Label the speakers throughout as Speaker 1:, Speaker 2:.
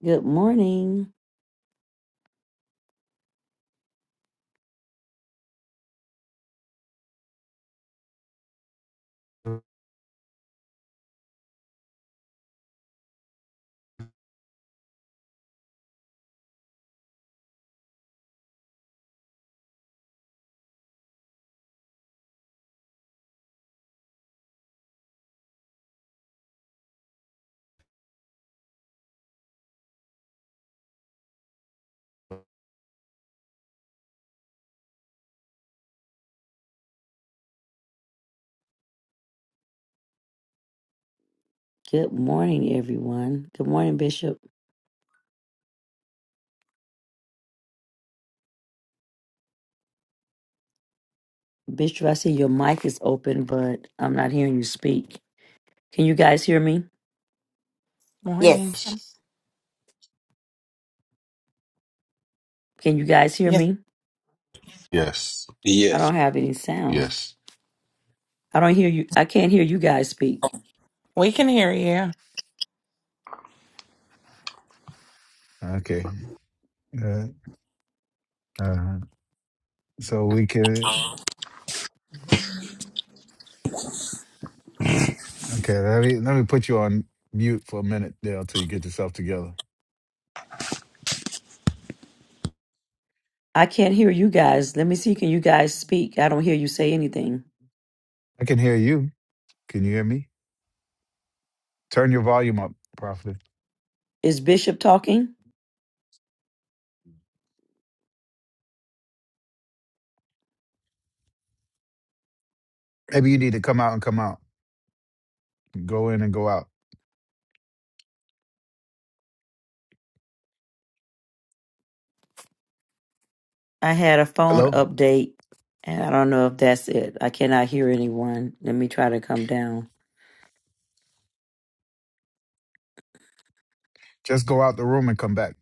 Speaker 1: Good morning. Good morning, everyone. Good morning, Bishop. Bishop, I see your mic is open, but I'm not hearing you speak. Can you guys hear me?
Speaker 2: Morning.
Speaker 3: Yes.
Speaker 1: Can you guys hear
Speaker 2: Yes,
Speaker 1: me?
Speaker 4: Yes,
Speaker 1: I
Speaker 5: Yes.
Speaker 1: don't have any sound.
Speaker 4: yes.
Speaker 1: I don't hear you. I can't hear you guys speak.
Speaker 2: we can hear you.
Speaker 6: Okay. Uh, uh, so we can. Okay. Let me let me put you on mute for a minute there until you get yourself together.
Speaker 1: I can't hear you guys. Let me see. Can you guys speak? I don't hear you say anything.
Speaker 6: I can hear you. Can you hear me? Turn your volume up, Prophet.
Speaker 1: Is Bishop talking?
Speaker 6: Maybe you need to come out and come out. Go in and go out.
Speaker 1: I had a phone
Speaker 6: Hello.
Speaker 1: update, and I don't know if that's it. I cannot hear anyone. Let me try to come down.
Speaker 6: Just go out the room and come back.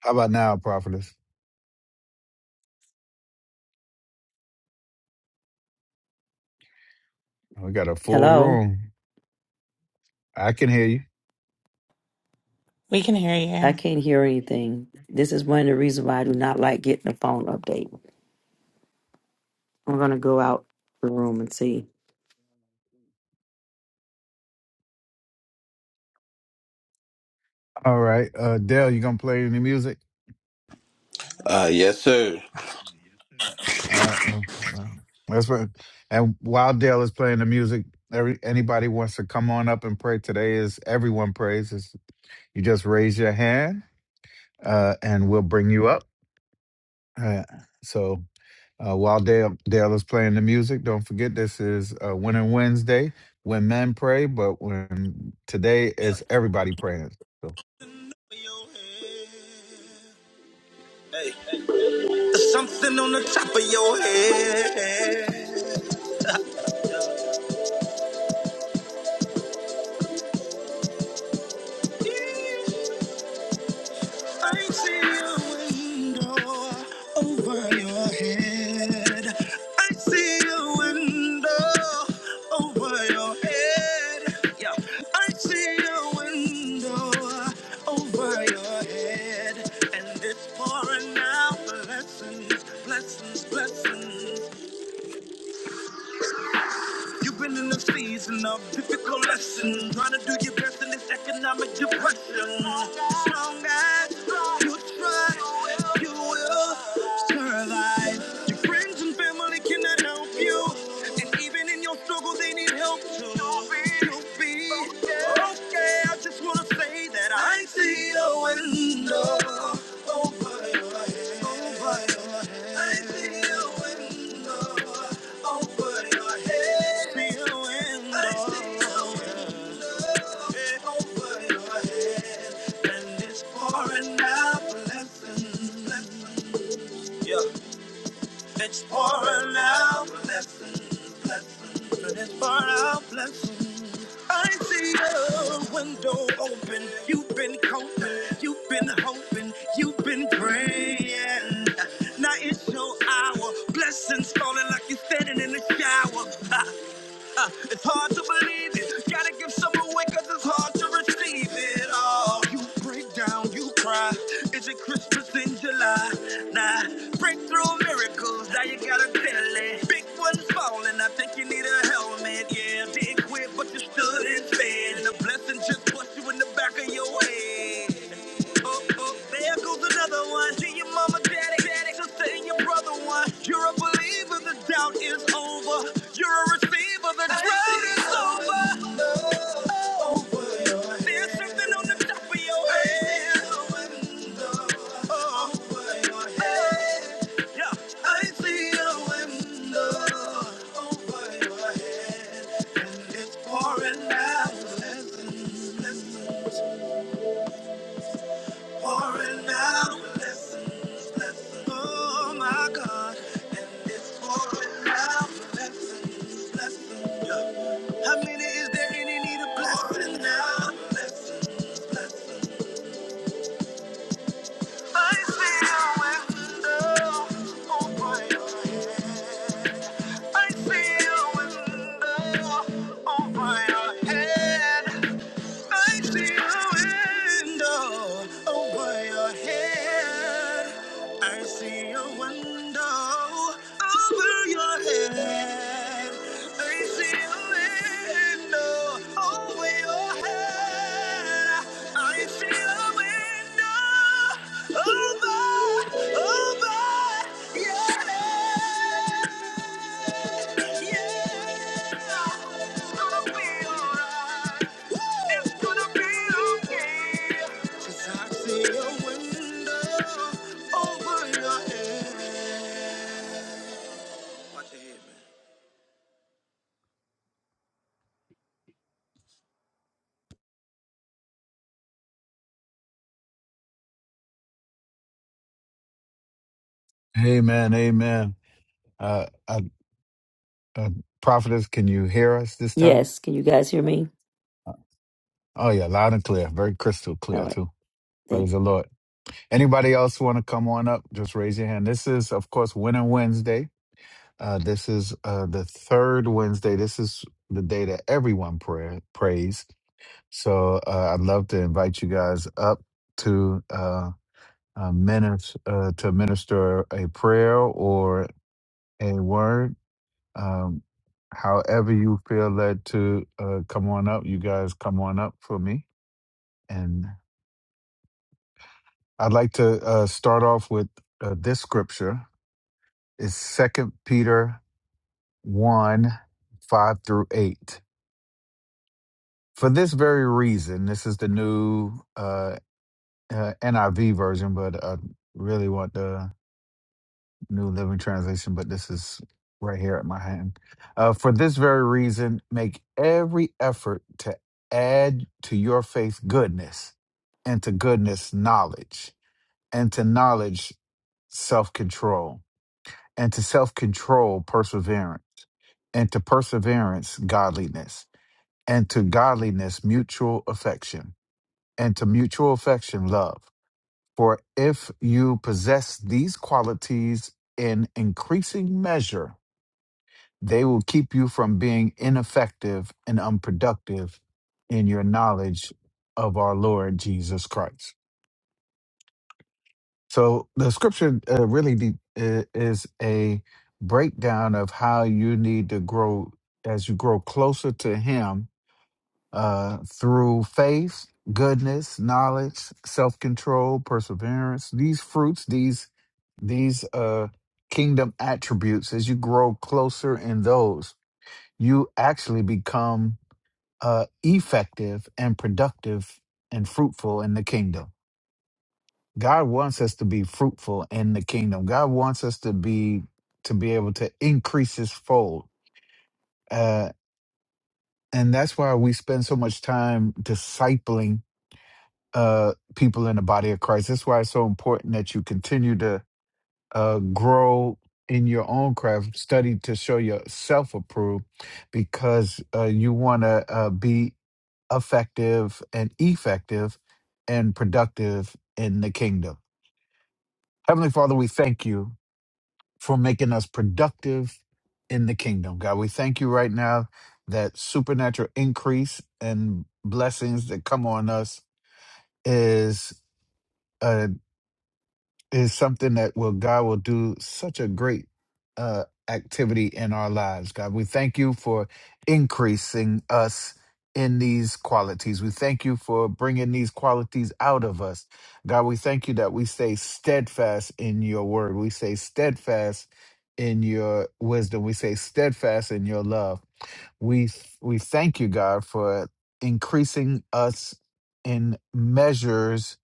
Speaker 6: How about now, Prophetess? We got a full
Speaker 1: Hello?
Speaker 6: room. I can hear you.
Speaker 2: We can hear
Speaker 1: I
Speaker 2: you.
Speaker 1: can't hear anything. This is one of the reasons why I do not like getting a phone update. I'm gonna go out the room and see.
Speaker 6: All right. Uh, Dale, you gonna play any music?
Speaker 5: Uh, yes, sir.
Speaker 6: All right. well, well, That's what. And while Dale is playing the music, every anybody wants to come on up and pray today is everyone prays. Is you just raise your hand, uh, and we'll bring you up. Uh, so uh, while Dale Dale is playing the music, don't forget this is uh, Winter Wednesday when men pray, but when today
Speaker 5: Yeah.
Speaker 6: is everybody praying. So
Speaker 5: Hey, There's something on the top of your head. I see a window over your head. I see a window over your head. Yeah. I see a window over your head. And it's pouring out blessings, blessings, blessings. You've been in a season of difficult lesson, trying to do your best in this economic depression. Strong as you try, you will survive. Your friends and family cannot help you, and even in your struggle, they need help too. You'll be okay. I just wanna say that I see a window. Yeah. It's pouring out blessings, blessings, and it's pouring out blessings. I see the window open. You've been coping, you've been hoping, you've been praying. Now it's your hour. Blessings falling like you're standing in the shower. Uh, it's hard to believe it. Gotta give some away cause it's hard to receive it. Oh, you break down, you cry. Is it Christmas in July? Nah, breakthrough miracles, now you gotta tell it. Big one's falling, I think you need a helmet. Yeah, didn't quit, but you stood and fed. And the blessing just pushed you in the back of your head. Oh, oh, there goes another one. See your mama, daddy. daddy angels say you brother one. You're a believer, the doubt is over. You're a receiver, the drought is over. There's something on the top of your head. Oh, yeah. I see a window over your head, and it's pouring out. Listen, listen. Pouring out blessings, blessings, oh my God. And it's pouring out blessings, blessings, yeah. How many is there any need of blessing now? Blessings, blessings. I see a window over your head. I see a window over your head. I see a window over your head. I see a window over your head. I see a window. Over your head, I feel a window over, over your head. Yeah, it's gonna be alright. It's gonna be okay. Just I see a window over your head. Watch your head, man.
Speaker 6: amen, amen. Uh, uh, uh, prophetess, can you hear us this time?
Speaker 1: Yes, can you guys hear me?
Speaker 6: Uh, Oh yeah, loud and clear, very crystal
Speaker 1: All
Speaker 6: clear
Speaker 1: right,
Speaker 6: too.
Speaker 1: thank
Speaker 6: Praise the
Speaker 1: you.
Speaker 6: Lord. Anybody else want to come on up? Just raise your hand. This is, of course, Winter Wednesday. Uh, this is uh, the third Wednesday. This is the day that everyone pray, prays. So uh, I'd love to invite you guys up to uh, uh, minister uh, to minister a prayer or a word. Um, however you feel led to uh, come on up, you guys come on up for me. And I'd like to uh, start off with uh, this scripture is second peter 1 5 through 8 for this very reason this is the new uh, uh niv version but i really want the new living translation but this is right here at my hand uh, for this very reason make every effort to add to your faith goodness and to goodness knowledge and to knowledge self-control and to self-control perseverance and to perseverance, godliness, and to godliness, mutual affection, and to mutual affection, love. For if you possess these qualities in increasing measure, they will keep you from being ineffective and unproductive in your knowledge of our Lord Jesus Christ. So the scripture uh, really de- i- is a breakdown of how you need to grow as you grow closer to Him uh, through faith, goodness, knowledge, self-control, perseverance. These fruits, these these uh, kingdom attributes, as you grow closer in those, you actually become uh, effective and productive and fruitful in the kingdom. God wants us to be fruitful in the kingdom. God wants us to be to be able to increase His fold, uh, and that's why we spend so much time discipling uh, people in the body of Christ. That's why it's so important that you continue to uh, grow in your own craft, study to show yourself approved, because uh, you want to uh, be effective and effective and productive in the kingdom. Heavenly Father, we thank you for making us productive in the kingdom. God, we thank you right now that supernatural increase and blessings that come on us is. uh, is something that will God will do such a great uh, activity in our lives. God, we thank you for increasing us in these qualities. We thank you for bringing these qualities out of us. God, we thank you that we stay steadfast in your word. We stay steadfast in your wisdom. We stay steadfast in your love. We we thank you, God, for increasing us in measures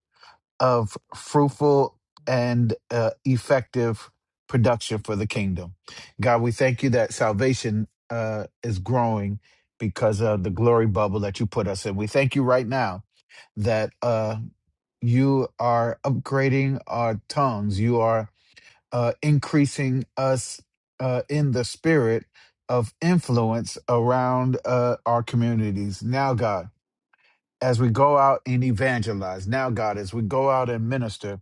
Speaker 6: of fruitful and uh, effective production for the kingdom. God, we thank you that salvation uh, is growing because of the glory bubble that you put us in. We thank you right now that uh, you are upgrading our tongues, you are uh, increasing us uh, in the spirit of influence around uh, our communities. Now, God, as we go out and evangelize now god as we go out and minister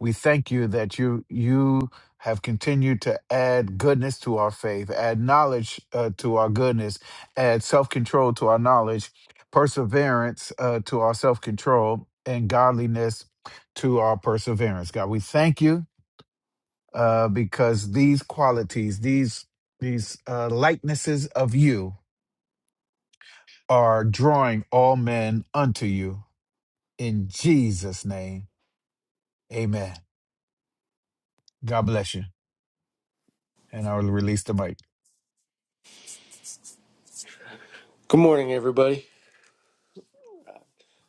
Speaker 6: we thank you that you you have continued to add goodness to our faith add knowledge uh, to our goodness add self-control to our knowledge perseverance uh, to our self-control and godliness to our perseverance god we thank you uh, because these qualities these these uh, likenesses of you are drawing all men unto you in Jesus' name, amen. God bless you. And I will release the mic.
Speaker 7: Good morning, everybody.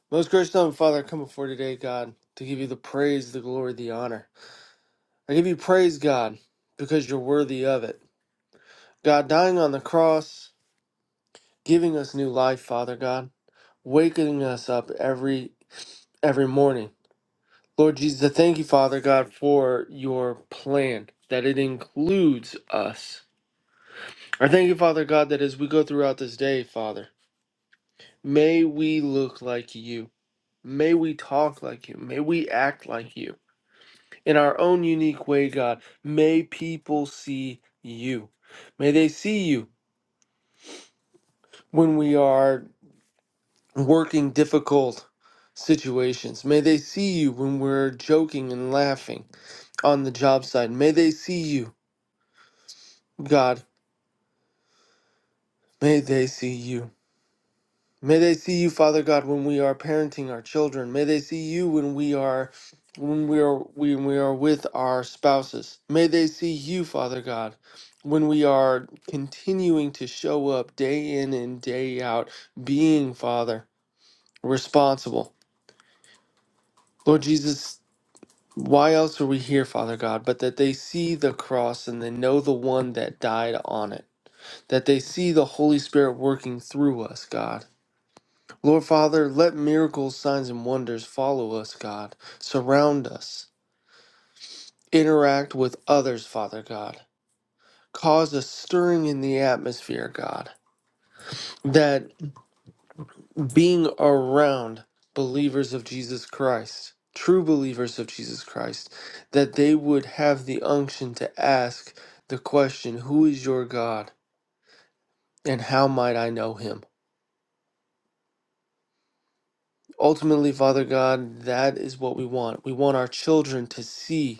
Speaker 7: Most gracious Heavenly Father, I come before you today, God, to give you the praise, the glory, the honor. I give you praise, God, because you're worthy of it. God, dying on the cross, giving us new life, Father God, waking us up every every morning. Lord Jesus, I thank you, Father God, for your plan that it includes us. I thank you, Father God, that as we go throughout this day, Father, may we look like you. May we talk like you. May we act like you. in our own unique way, God. May people see you. May they see you when we are working difficult situations. May they see you when we're joking and laughing on the job site. May they see you, God. May they see you. May they see you, Father God, when we are parenting our children. May they see you when we are when we are when we are with our spouses. May they see you, Father God, when we are continuing to show up day in and day out, being Father, responsible. Lord Jesus, why else are we here, Father God, but that they see the cross and they know the one that died on it. That they see the Holy Spirit working through us, God Lord Father, let miracles, signs, and wonders follow us, God. Surround us. Interact with others, Father God. Cause a stirring in the atmosphere, God. That being around believers of Jesus Christ, true believers of Jesus Christ, that they would have the unction to ask the question, Who is your God? And how might I know him? Ultimately, Father God, that is what we want. We want our children to see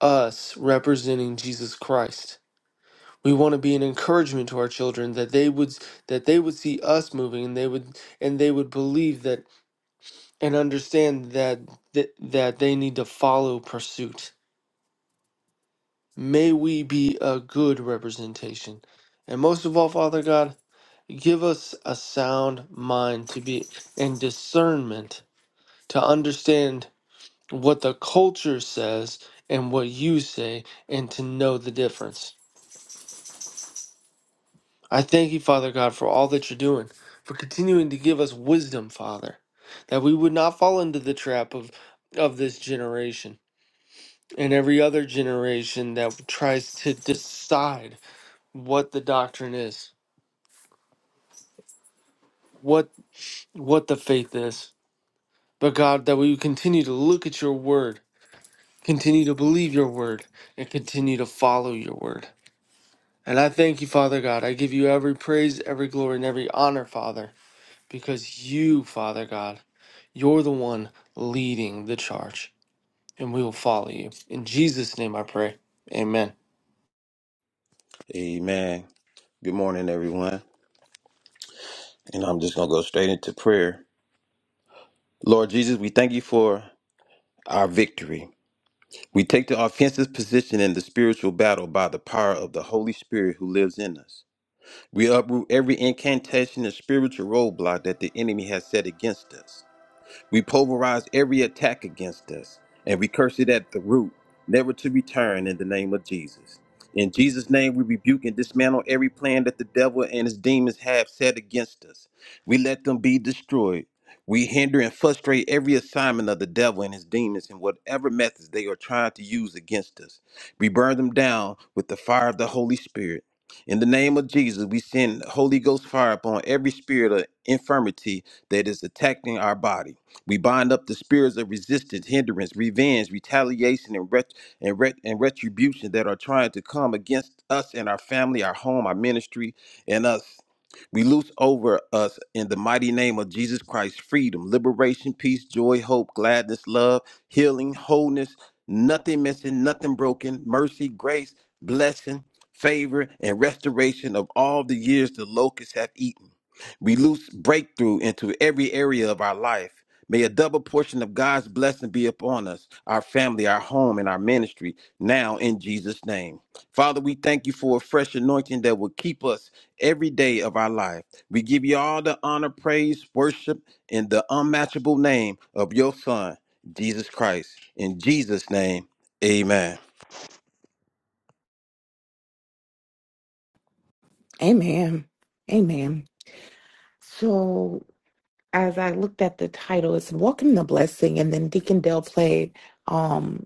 Speaker 7: us representing Jesus Christ. We want to be an encouragement to our children that they would that they would see us moving and they would and they would believe that and understand that that, that they need to follow pursuit. May we be a good representation. And most of all, Father God, give us a sound mind to be and discernment to understand what the culture says and what you say and to know the difference. I thank you, Father God, for all that you're doing, for continuing to give us wisdom, Father, that we would not fall into the trap of, of this generation and every other generation that tries to decide what the doctrine is, what what the faith is. But God, that we would continue to look at your word, continue to believe your word, and continue to follow your word. And I thank you, Father God. I give you every praise, every glory, and every honor, Father, because you, Father God, You're the one leading the charge, and we will follow you. In Jesus' name I pray. Amen.
Speaker 5: Amen. Good morning, everyone. And I'm just gonna go straight into prayer. Lord Jesus, we thank you for our victory. We take the offensive position in the spiritual battle by the power of the Holy Spirit who lives in us. We uproot every incantation and spiritual roadblock that the enemy has set against us. We pulverize every attack against us, and we curse it at the root, never to return in the name of Jesus. In Jesus' name, we rebuke and dismantle every plan that the devil and his demons have set against us. We let them be destroyed. We hinder and frustrate every assignment of the devil and his demons in whatever methods they are trying to use against us. We burn them down with the fire of the Holy Spirit. In the name of Jesus, we send Holy Ghost fire upon every spirit of infirmity that is attacking our body. We bind up the spirits of resistance, hindrance, revenge, retaliation, and, ret- and, ret- and retribution that are trying to come against us and our family, our home, our ministry, and us. We loose over us in the mighty name of Jesus Christ freedom, liberation, peace, joy, hope, gladness, love, healing, wholeness, nothing missing, nothing broken, mercy, grace, blessing, favor, and restoration of all the years the locusts have eaten. We loose breakthrough into every area of our life. May a double portion of God's blessing be upon us, our family, our home, and our ministry now in Jesus' name. Father, we thank you for a fresh anointing that will keep us every day of our life. We give you all the honor, praise, worship in the unmatchable name of your Son, Jesus Christ. In Jesus' name, amen.
Speaker 2: Amen. Amen. So as I looked at the title, it's Welcome the Blessing, and then Deacon Dale played um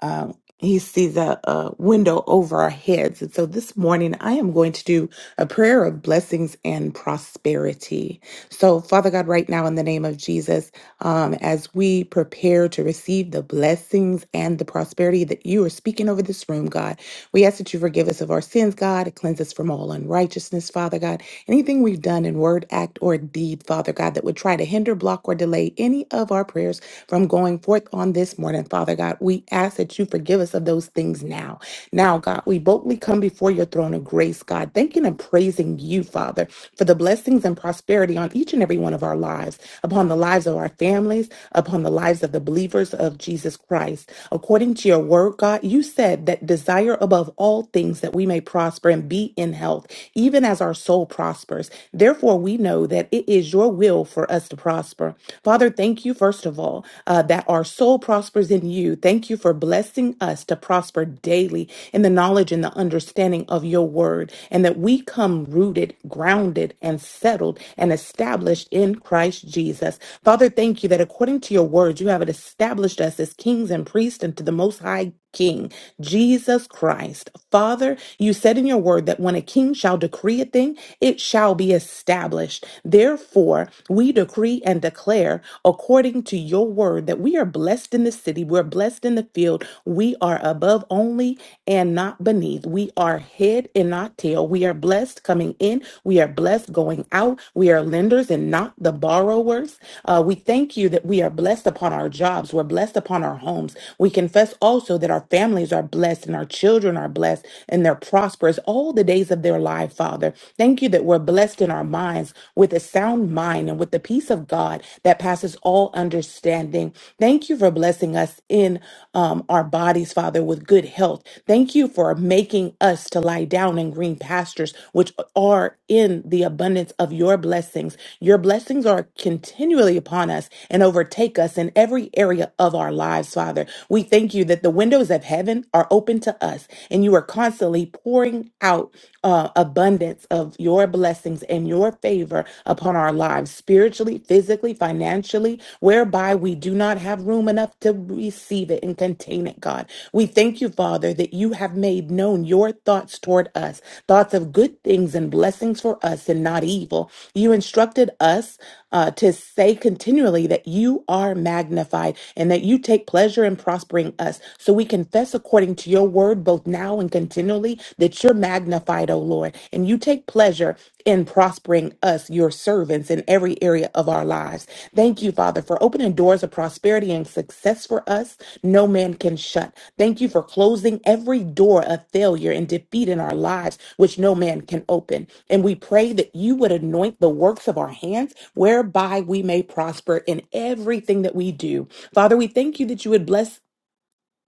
Speaker 2: um he sees a, a window over our heads. And so this morning I am going to do a prayer of blessings and prosperity. So Father God, right now in the name of Jesus. um, as we prepare to receive the blessings and the prosperity that you are speaking over this room, God. We ask that you forgive us of our sins, God, and cleanse us from all unrighteousness, Father God. Anything we've done in word, act, or deed, Father God, that would try to hinder, block, or delay any of our prayers from going forth on this morning, Father God, we ask that you forgive us of those things now. Now, God, we boldly come before your throne of grace, God, thanking and praising you, Father, for the blessings and prosperity on each and every one of our lives, upon the lives of our families, upon the lives of the believers of Jesus Christ. According to your word, God, you said that desire above all things that we may prosper and be in health, even as our soul prospers. Therefore, we know that it is your will for us to prosper. Father, thank you, first of all, uh, that our soul prospers in you. Thank you for blessing us to prosper daily in the knowledge and the understanding understanding of your word, and that we come rooted, grounded, and settled and established in Christ Jesus. Father, thank you that according to your word, you have established us as kings and priests unto the most high King, Jesus Christ. Father, you said in your word that when a king shall decree a thing, it shall be established. Therefore, we decree and declare according to your word that we are blessed in the city, we're blessed in the the field. We are above only and not beneath. We are head and not tail. We are blessed coming in. We are blessed going out. We are lenders and not the borrowers. Uh, we thank you that we are blessed upon our jobs. We're blessed upon our homes. We confess also that our families are blessed and our children are blessed and they're prosperous all the days of their life, Father. Thank you that we're blessed in our minds with a sound mind and with the peace of God that passes passes all understanding. Thank you for blessing us in um, our bodies, Father, with good health. Thank you for making us to lie down in green pastures, which are in the abundance of your blessings. Your blessings are continually upon us and overtake us in every area of our lives, Father. We thank you that the windows of heaven are open to us and you are constantly pouring out uh, abundance of your blessings blessings and your favor upon our lives, spiritually, physically, financially, whereby we do not have room enough to receive it and contain it, God. We thank you, Father, that you have made known your thoughts toward us, thoughts of good things and blessings for us and not evil. You instructed us uh, to say continually that you are magnified and that you take pleasure in prospering us. So we confess according to your word, both now and continually continually, that you're magnified, O Lord, and you take pleasure in prospering us, your servants, in every area of our lives. Thank you, Father, for opening doors of prosperity and success for us no man can shut. Thank you for closing every door of failure and defeat in our lives, which no man can open. And we pray that you would anoint the works of our hands, whereby we may prosper in everything that we do. Father, we thank you that you would bless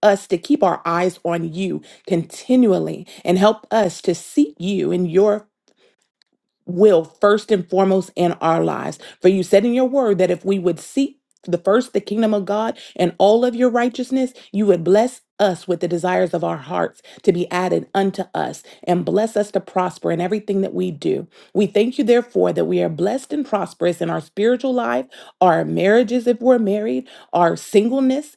Speaker 2: us to keep our eyes on you continually and help us to seek you and your will first and foremost in our lives. For you said in your word that if we would seek the first the kingdom of God and all of your righteousness, you would bless us with the desires of our hearts to be added unto us and bless us to prosper in everything that we do. We thank you, therefore, that we are blessed and prosperous in our spiritual life, our marriages, if we're married, our singleness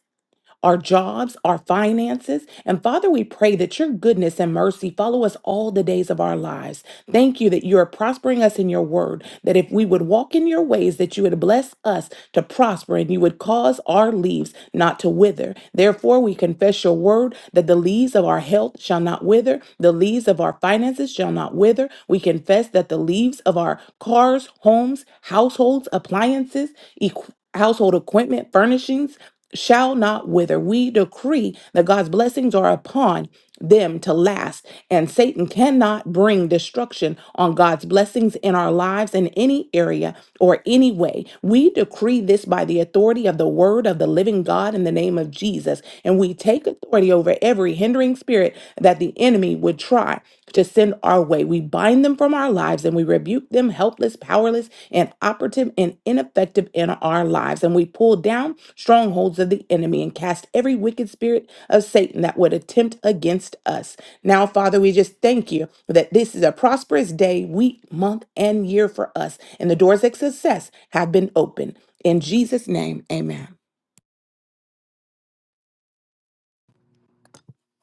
Speaker 2: our jobs, our finances. And Father, we pray that your goodness and mercy follow us all the days of our lives. Thank you that you are prospering us in your word, that if we would walk in your ways, that you would bless us to prosper and you would cause our leaves not to wither. Therefore, we confess your word that the leaves of our health shall not wither, the leaves of our finances shall not wither. We confess that the leaves of our cars, homes, households, appliances, equ- household equipment, furnishings, shall not wither. We decree that God's blessings are upon them to last, and Satan cannot bring destruction on God's blessings in our lives in any area or any way. We decree this by the authority of the word of the living God in the name of Jesus, and we take authority over every hindering spirit that the enemy would try to send our way. We bind them from our lives and we rebuke them helpless, powerless, and operative and ineffective in our lives. And we pull down strongholds of the enemy and cast every wicked spirit of Satan that would attempt against us. Now, Father, we just thank you that this is a prosperous day, week, month, and year for us. And the doors of success have been opened. In Jesus' name, amen.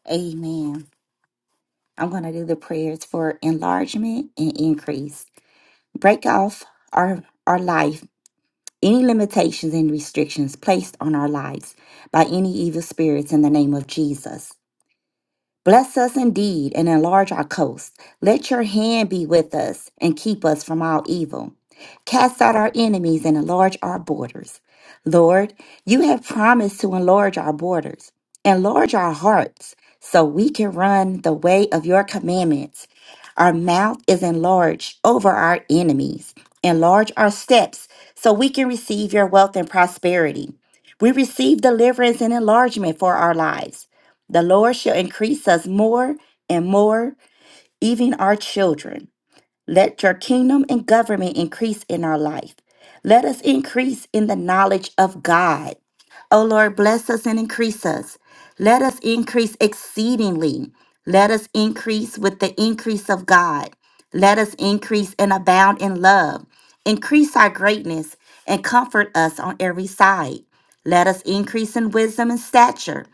Speaker 3: Amen. I'm going to do the prayers for enlargement and increase. Break off our our life any limitations and restrictions placed on our lives by any evil spirits in the name of Jesus. Bless us indeed and enlarge our coast. Let your hand be with us and keep us from all evil. Cast out our enemies and enlarge our borders. Lord, you have promised to enlarge our borders. Enlarge our hearts so we can run the way of your commandments. Our mouth is enlarged over our enemies. Enlarge our steps so we can receive your wealth and prosperity. We receive deliverance and enlargement for our lives. The Lord shall increase us more and more, even our children. Let your kingdom and government increase in our life. Let us increase in the knowledge of God. O Lord, bless us and increase us. Let us increase exceedingly. Let us increase with the increase of God. Let us increase and abound in love. Increase our greatness and comfort us on every side. Let us increase in wisdom and stature.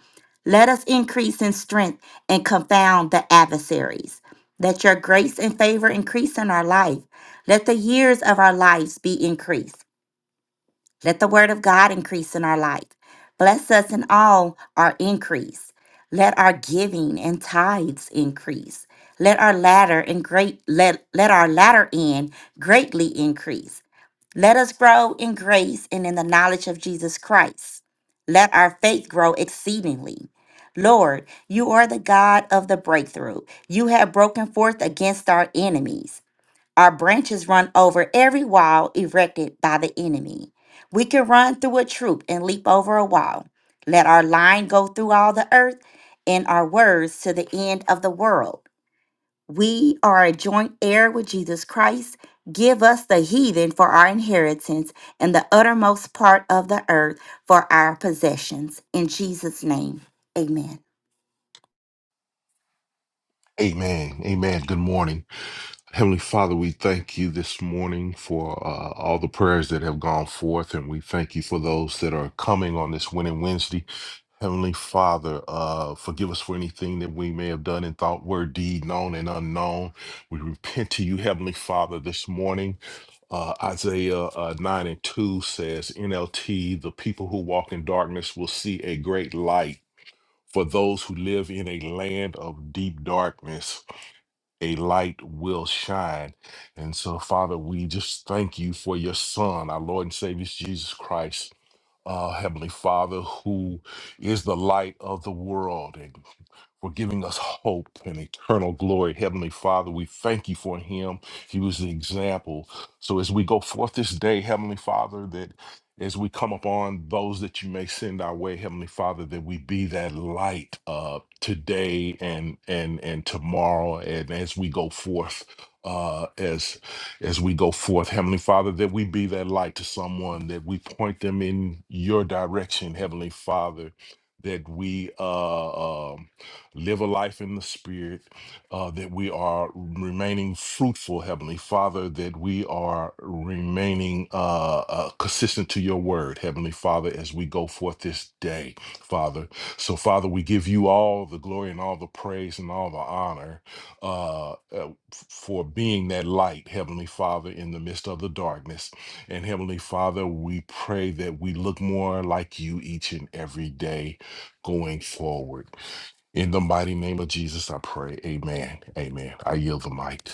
Speaker 3: Let us increase in strength and confound the adversaries that your grace and favor increase in our life. Let the years of our lives be increased. Let the word of God increase in our life. Bless us in all our increase. Let our giving and tithes increase. Let our latter and great let, let our latter end greatly increase. Let us grow in grace and in the knowledge of Jesus Christ. Let our faith grow exceedingly. Lord, you are the God of the breakthrough. You have broken forth against our enemies. Our branches run over every wall erected by the enemy. We can run through a troop and leap over a wall. Let our line go through all the earth and our words to the end of the world. We are a joint heir with Jesus Christ. Give us the heathen for our inheritance and the uttermost part of the earth for our possessions. In Jesus' name, amen.
Speaker 4: Amen. Amen. Good morning. Heavenly Father, we thank you this morning for uh, all the prayers that have gone forth, and we thank you for those that are coming on this Winning Wednesday. Heavenly Father, uh, forgive us for anything that we may have done in thought, word, deed, known, and unknown. We repent to you, Heavenly Father, this morning. Uh, Isaiah uh, 9 and 2 says, NLT, the people who walk in darkness will see a great light For those who live in a land of deep darkness, a light will shine. And so, Father, we just thank you for your Son, our Lord and Savior Jesus Christ, uh, Heavenly Father, who is the light of the world for giving us hope and eternal glory. Heavenly Father, we thank you for him. He was the example. So as we go forth this day, Heavenly Father, that as we come upon those that you may send our way, Heavenly Father, that we be that light uh, today and and and tomorrow, and as we go forth, uh, as as we go forth, Heavenly Father, that we be that light to someone, that we point them in your direction, Heavenly Father, that we uh, um live a life in the spirit, uh, that we are remaining fruitful, Heavenly Father, that we are remaining uh, uh, consistent to your word, Heavenly Father, as we go forth this day, Father. So, Father, we give you all the glory and all the praise and all the honor uh, uh, f- for being that light, Heavenly Father, in the midst of the darkness. And Heavenly Father, we pray that we look more like you each and every day going forward. In the mighty name of Jesus, I pray. Amen. Amen. I yield the mic.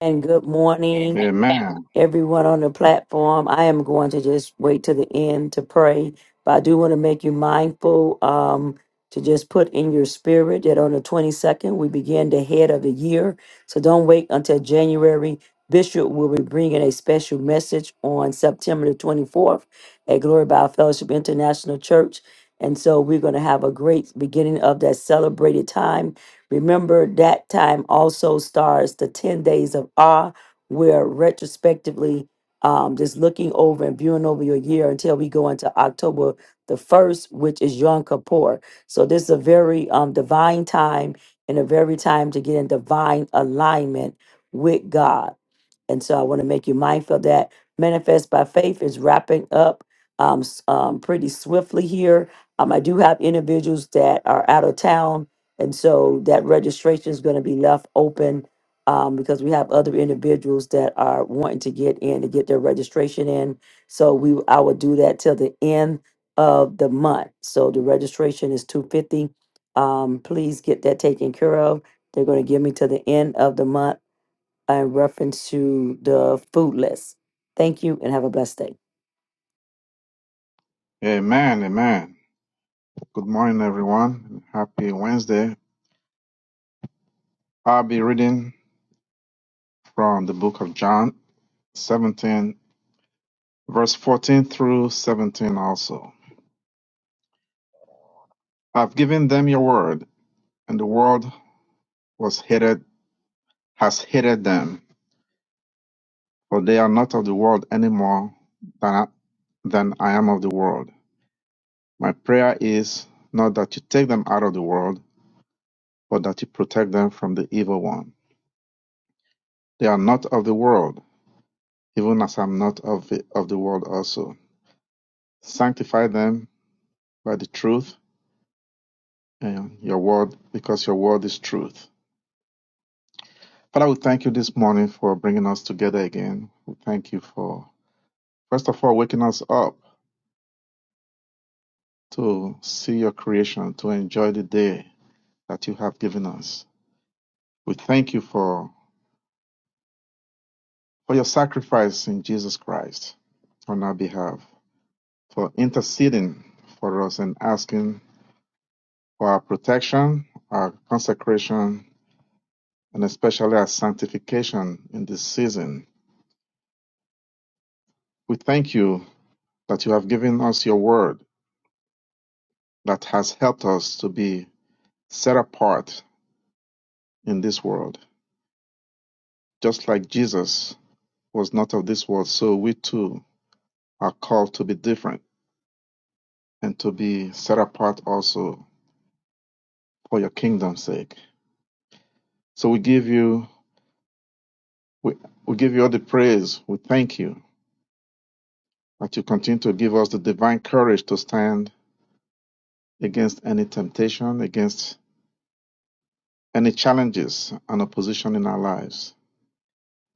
Speaker 1: And good morning.
Speaker 8: Amen.
Speaker 1: everyone on the platform. I am going to just wait to the end to pray, but I do want to make you mindful um, to just put in your spirit that on the 22nd, we begin the head of the year. So don't wait until January. Bishop will be bringing a special message on September the 24th at Glory by Fellowship International Church. And so we're going to have a great beginning of that celebrated time. Remember, that time also starts the 10 days of awe we're retrospectively um, just looking over and viewing over your year until we go into October the 1st, which is Yom Kippur. So this is a very um, divine time and a very time to get in divine alignment with God. And so I want to make you mindful of that manifest by faith is wrapping up um, s- um, pretty swiftly here. Um, I do have individuals that are out of town, and so that registration is going to be left open um, because we have other individuals that are wanting to get in to get their registration in. So we, I will do that till the end of the month. So the registration is two fifty. Um, please get that taken care of. They're going to give me to the end of the month in reference to the food list. Thank you and have a blessed day.
Speaker 8: Amen. Amen. Good morning, everyone. Happy Wednesday. I'll be reading from the book of John 17, verse 14 through 17 also. I've given them your word, and the world was hated, has hated them, for they are not of the world any more than I, than I am of the world. My prayer is not that you take them out of the world, but that you protect them from the evil one. They are not of the world even as I'm not of the, of the world also. Sanctify them by the truth and your word, because your word is truth. Father, we thank you this morning for bringing us together again. We thank you for, first of all, waking us up to see your creation, to enjoy the day that you have given us. We thank you for, for your sacrifice in Jesus Christ on our behalf, for interceding for us and asking for our protection, our consecration, and especially our sanctification in this season. We thank you that you have given us your word that has helped us to be set apart in this world. Just like Jesus was not of this world, so we too are called to be different and to be set apart also for your kingdom's sake. So we give you we, we give you all the praise. We thank you that you continue to give us the divine courage to stand against any temptation, against any challenges and opposition in our lives.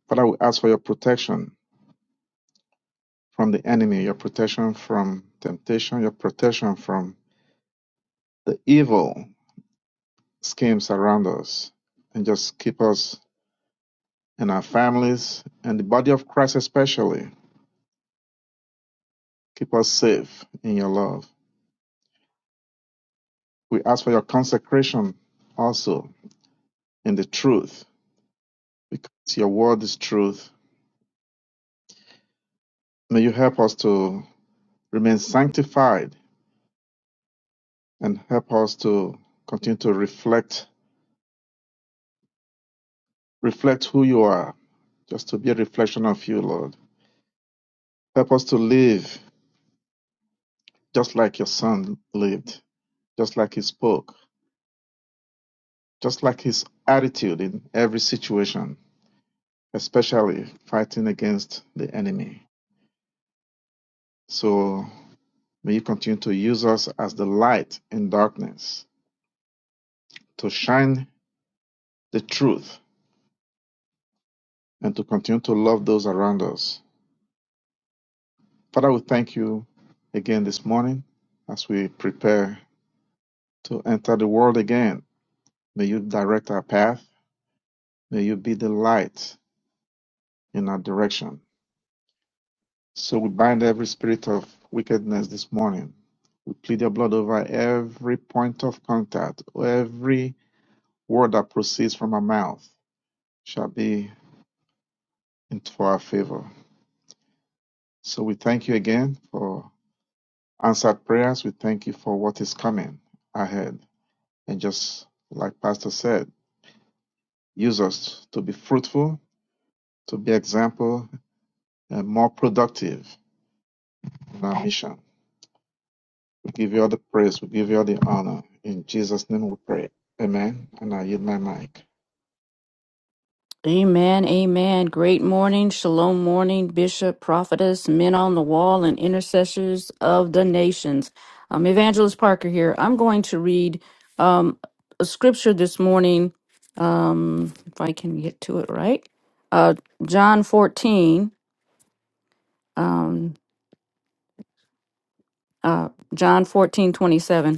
Speaker 8: Father, we ask for your protection from the enemy, your protection from temptation, your protection from the evil schemes around us, and just keep us and our families and the body of Christ, especially, keep us safe in your love. We ask for your consecration also in the truth, because your word is truth. May you help us to remain sanctified and help us to continue to reflect reflect who you are, just to be a reflection of you, Lord. Help us to live just like your son lived, just like he spoke, just like his attitude in every situation, especially fighting against the enemy. So may you continue to use us as the light in darkness, to shine the truth, and to continue to love those around us. Father, we thank you again this morning as we prepare to enter the world again May you direct our path. May you be the light in our direction. So we bind every spirit of wickedness this morning. We plead your blood over every point of contact. Every word that proceeds from our mouth shall be in for our favor. So we thank you again for answered prayers. We thank you for what is coming ahead. And just like Pastor said, use us to be fruitful, to be example, and more productive in our mission. We give you all the praise. We give you all the honor. In Jesus' name we pray. Amen. And I yield my mic.
Speaker 9: Amen, amen. Great morning, shalom morning, bishop, prophetess, men on the wall, and intercessors of the nations. Um, Evangelist Parker here. I'm going to read um, a scripture this morning, um, if I can get to it right. Uh, John 14, um, uh, John 14 27.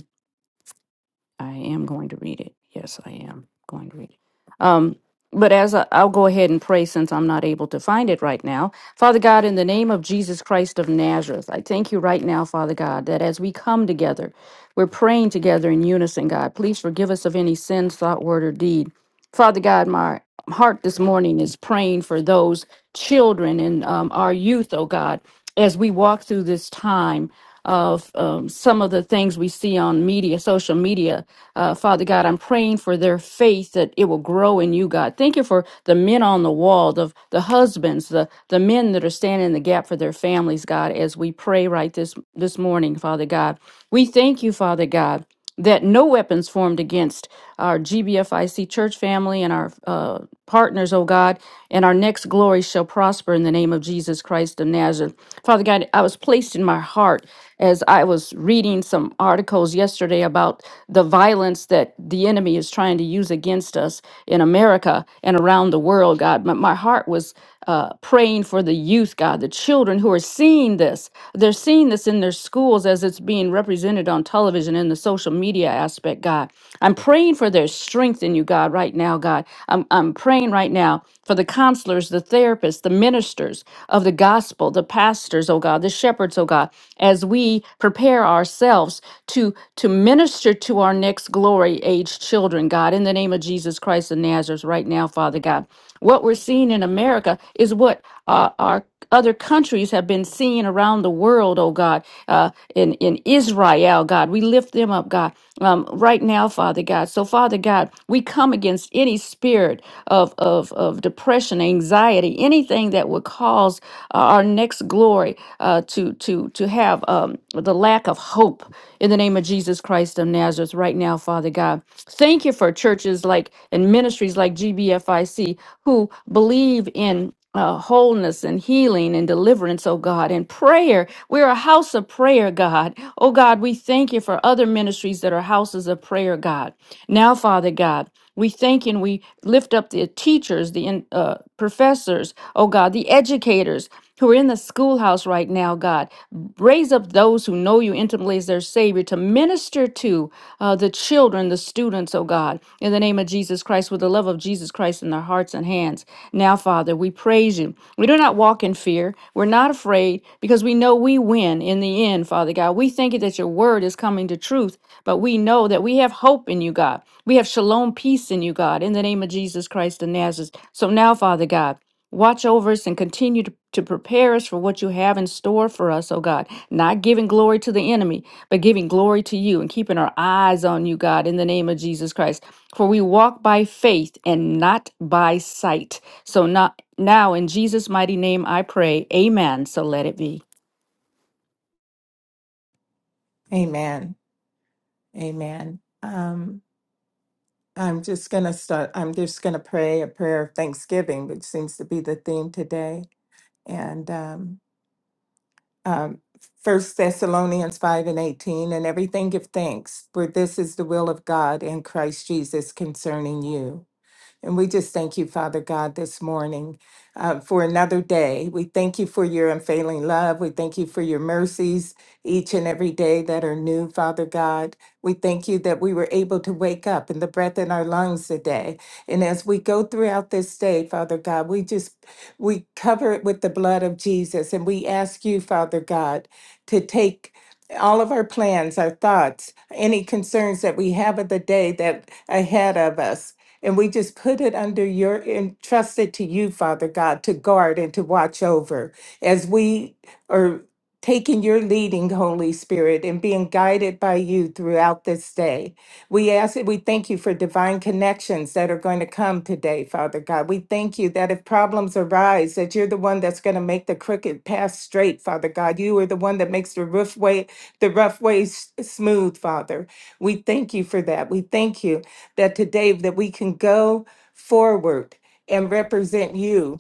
Speaker 9: I am going to read it. Yes, I am going to read it. Um, but as I, I'll go ahead and pray since I'm not able to find it right now. Father God, in the name of Jesus Christ of Nazareth, I thank you right now, Father God, that as we come together, we're praying together in unison, God. Please forgive us of any sins, thought, word, or deed. Father God, my heart this morning is praying for those children and um, our youth, oh God as we walk through this time of um, some of the things we see on media, social media, uh, Father God, I'm praying for their faith that it will grow in you, God. Thank you for the men on the wall, the, the husbands, the, the men that are standing in the gap for their families, God, as we pray right this, this morning, Father God. We thank you, Father God that no weapons formed against our GBFIC church family and our uh, partners, oh God, and our next glory shall prosper in the name of Jesus Christ of Nazareth. Father God, I was placed in my heart as I was reading some articles yesterday about the violence that the enemy is trying to use against us in America and around the world, God. My, my heart was uh, praying for the youth, God, the children who are seeing seeing this. They're seeing this in their schools as it's being represented on television in the social media aspect, God. I'm praying for their strength in you, God, right now, God. I'm, I'm praying right now for the counselors, the therapists, the ministers of the gospel, the pastors, oh God, the shepherds, oh God, as we prepare ourselves to, to minister to our next glory age children, God, in the name of Jesus Christ of Nazareth, right now, Father God. What we're seeing in America is what uh, our other countries have been seeing around the world, oh God, uh, in, in Israel, God. We lift them up, God, um, right now, Father God. So, Father God, we come against any spirit of, of, of depression, anxiety, anything that would cause uh, our next glory uh, to, to, to have um, the lack of hope in the name of Jesus Christ of Nazareth right now, Father. Father God. Thank you for churches like and ministries like GBFIC who believe in uh, wholeness and healing and deliverance, oh God, and prayer. We're a house of prayer, God. Oh God, we thank you for other ministries that are houses of prayer, God. Now, Father God, we thank you and we lift up the teachers, the uh, professors, oh God, the educators who are in the schoolhouse right now, God. Raise up those who know you intimately as their Savior to minister to uh, the children, the students, oh God, in the name of Jesus Christ, with the love of Jesus Christ in their hearts and hands. Now, Father, we praise you. We do not walk in fear. We're not afraid because we know we win in the end, Father God. We thank you that your word is coming to truth, but we know that we have hope in you, God. We have shalom peace in you, God, in the name of Jesus Christ of Nazareth. So now, Father God, Watch over us and continue to, to prepare us for what you have in store for us, oh God. Not giving glory to the enemy, but giving glory to you and keeping our eyes on you, God, in the name of Jesus Christ. For we walk by faith and not by sight. So not, now, in Jesus' mighty name, I pray. Amen. So let it be.
Speaker 10: Amen. Amen. Um, I'm just going to start. I'm just going to pray a prayer of thanksgiving, which seems to be the theme today. And um, um, 1 Thessalonians 5 and 18, and everything give thanks, for this is the will of God in Christ Jesus concerning you. And we just thank you, Father God, this morning uh, for another day. We thank you for your unfailing love. We thank you for your mercies each and every day that are new, Father God. We thank you that we were able to wake up and the breath in our lungs today. And as we go throughout this day, Father God, we just we cover it with the blood of Jesus and we ask you, Father God, to take all of our plans, our thoughts, any concerns that we have of the day that ahead of us, and we just put it under your, entrusted to you, Father God, to guard and to watch over as we are taking your leading, Holy Spirit, and being guided by you throughout this day. We ask that we thank you for divine connections that are going to come today, Father God. We thank you that if problems arise, that you're the one that's going to make the crooked path straight, Father God. You are the one that makes the rough way, the rough ways smooth, Father. We thank you for that. We thank you that today that we can go forward and represent you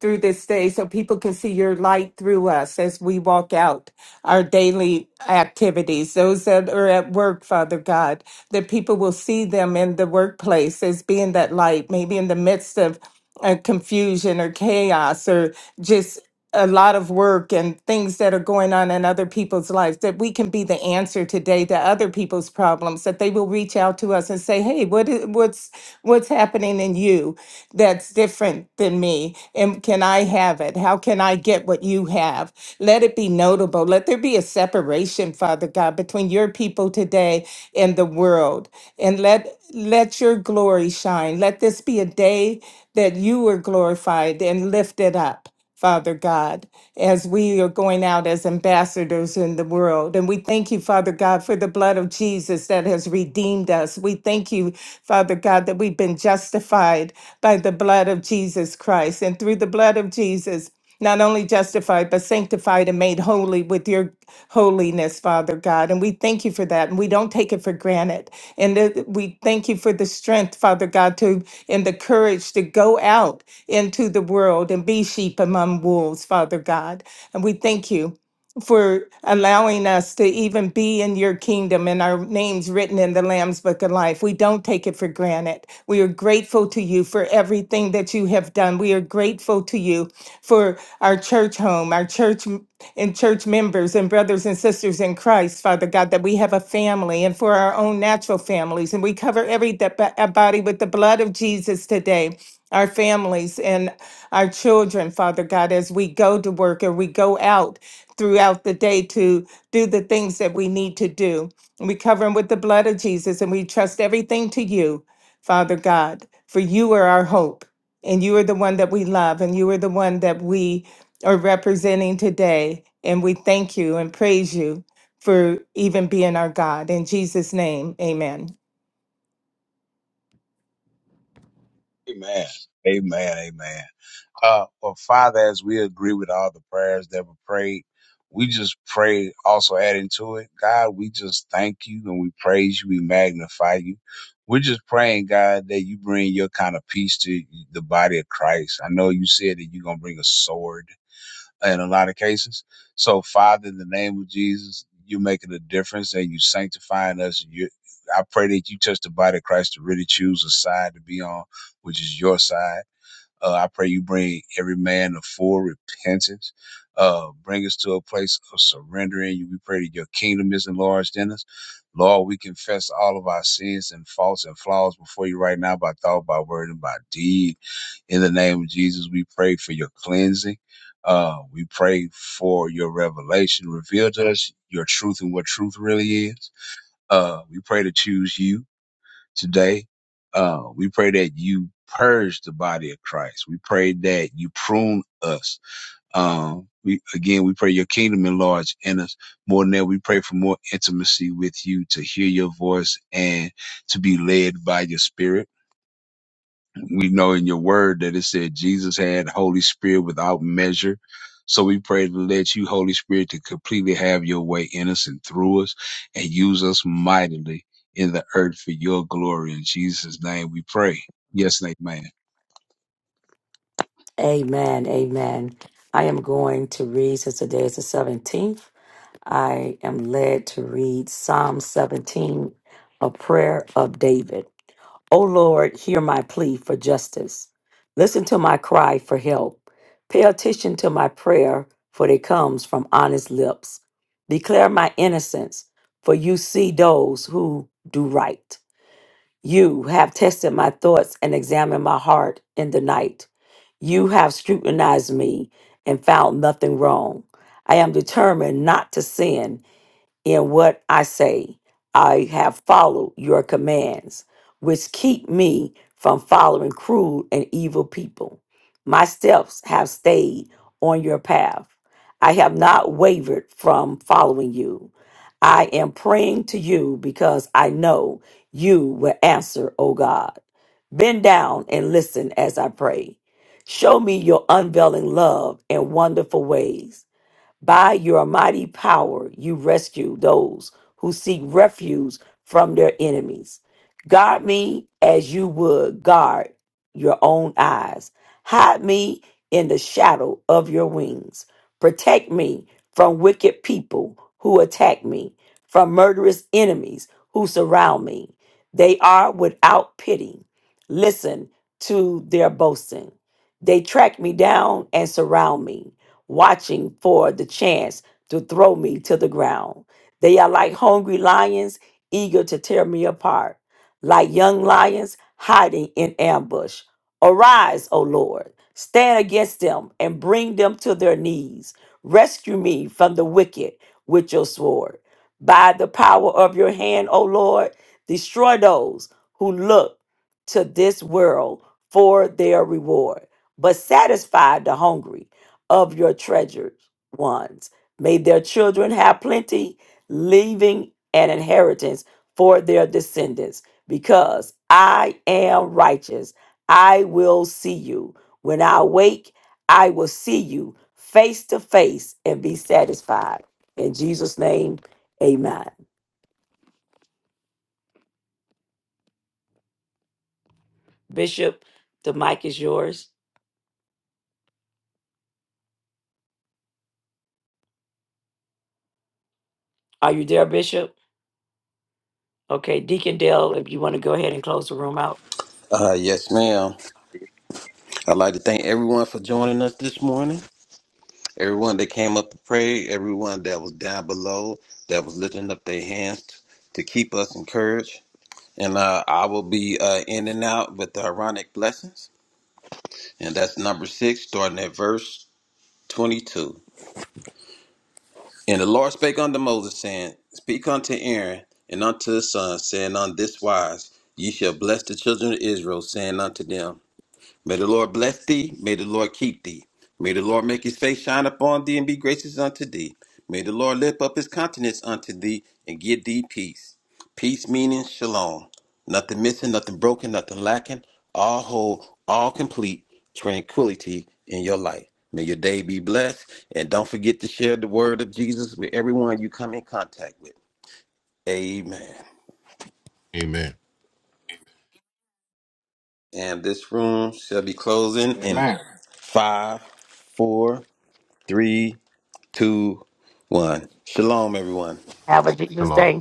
Speaker 10: through this day so people can see your light through us as we walk out our daily activities those that are at work father god that people will see them in the workplace as being that light maybe in the midst of uh, confusion or chaos or just a lot of work and things that are going on in other people's lives that we can be the answer today to other people's problems that they will reach out to us and say hey what is, what's what's happening in you that's different than me and can i have it how can i get what you have let it be notable let there be a separation father god between your people today and the world and let let your glory shine let this be a day that you are glorified and lifted up Father God, as we are going out as ambassadors in the world. And we thank you, Father God, for the blood of Jesus that has redeemed us. We thank you, Father God, that we've been justified by the blood of Jesus Christ. And through the blood of Jesus, not only justified, but sanctified and made holy with your holiness, Father God. And we thank you for that. And we don't take it for granted. And that we thank you for the strength, Father God, to and the courage to go out into the world and be sheep among wolves, Father God. And we thank you for allowing us to even be in your kingdom and our names written in the Lamb's Book of Life. We don't take it for granted. We are grateful to you for everything that you have done. We are grateful to you for our church home, our church m- and church members and brothers and sisters in Christ, Father God, that we have a family and for our own natural families. And we cover every de- bo- uh, body with the blood of Jesus today. Our families and our children, Father God, as we go to work or we go out throughout the day to do the things that we need to do. And we cover them with the blood of Jesus and we trust everything to you, Father God, for you are our hope and you are the one that we love and you are the one that we are representing today. And we thank you and praise you for even being our God. In Jesus' name, amen.
Speaker 11: Amen. Amen. Amen. Uh, well, Father, as we agree with all the prayers that were prayed, we just pray, also adding to it, God, we just thank you and we praise you, we magnify you. We're just praying, God, that you bring your kind of peace to the body of Christ. I know you said that you're going to bring a sword in a lot of cases. So, Father, in the name of Jesus, you're making a difference and you sanctifying us. You, I pray that you touch the body of Christ to really choose a side to be on, which is your side. Uh, I pray you bring every man to full repentance. Uh, bring us to a place of surrendering We pray that your kingdom is enlarged in us. Lord, we confess all of our sins and faults and flaws before you right now by thought, by word, and by deed. In the name of Jesus, we pray for your cleansing. Uh, we pray for your revelation. Reveal to us your truth and what truth really is. Uh, we pray to choose you today. Uh, we pray that you purge the body of Christ. We pray that you prune us. Um, we again, we pray your kingdom enlarge in us more than that. We pray for more intimacy with you to hear your voice and to be led by your spirit we know in your word that it said Jesus had Holy Spirit without measure. So we pray to let you, Holy Spirit, to completely have your way in us and through us and use us mightily in the earth for your glory. In Jesus' name we pray. Yes, and amen.
Speaker 1: Amen. Amen. I am going to read since today is the 17th. I am led to read Psalm 17, a prayer of David. O Lord, hear my plea for justice. Listen to my cry for help. Pay attention to my prayer, for it comes from honest lips. Declare my innocence, for you see those who do right. You have tested my thoughts and examined my heart in the night. You have scrutinized me and found nothing wrong. I am determined not to sin in what I say. I have followed your commands, which keep me from following cruel and evil people. My steps have stayed on your path. I have not wavered from following you. I am praying to you because I know you will answer, O God. Bend down and listen as I pray. Show me your unveiling love and wonderful ways. By your mighty power, you rescue those who seek refuge from their enemies. Guard me as you would guard your own eyes. Hide me in the shadow of your wings. Protect me from wicked people who attack me, from murderous enemies who surround me. They are without pity. Listen to their boasting. They track me down and surround me watching for the chance to throw me to the ground. They are like hungry lions, eager to tear me apart, like young lions hiding in ambush. Arise, O Lord, stand against them and bring them to their knees. Rescue me from the wicked with your sword. By the power of your hand, O Lord, destroy those who look to this world for their reward, but satisfy the hungry of your treasured ones. May their children have plenty, leaving an inheritance for their descendants, because I am righteous. I will see you. When I wake, I will see you face to face and be satisfied. In Jesus' name, amen. Bishop, the mic is yours. Are you there, Bishop? Okay, Deacon Dale, if you want to go ahead and close the room out,
Speaker 5: Uh, yes, ma'am. I'd like to thank everyone for joining us this morning. Everyone that came up to pray, everyone that was down below, that was lifting up their hands t- to keep us encouraged. And uh, I will be uh, in and out with the Aaronic blessings. And that's number six, starting at verse 22. And the Lord spake unto Moses, saying, Speak unto Aaron and unto his sons, saying, On this wise ye shall bless the children of Israel, saying unto them, May the Lord bless thee. May the Lord keep thee. May the Lord make his face shine upon thee and be gracious unto thee. May the Lord lift up his countenance unto thee and give thee peace. Peace meaning shalom. Nothing missing, nothing broken, nothing lacking. All whole, all complete tranquility in your life. May your day be blessed. And don't forget to share the word of Jesus with everyone you come in contact with. Amen.
Speaker 4: Amen.
Speaker 5: And this room shall be closing in
Speaker 8: Amen.
Speaker 5: five, four, three, two, one. Shalom, everyone.
Speaker 1: have a Jesus
Speaker 4: Shalom.
Speaker 1: day.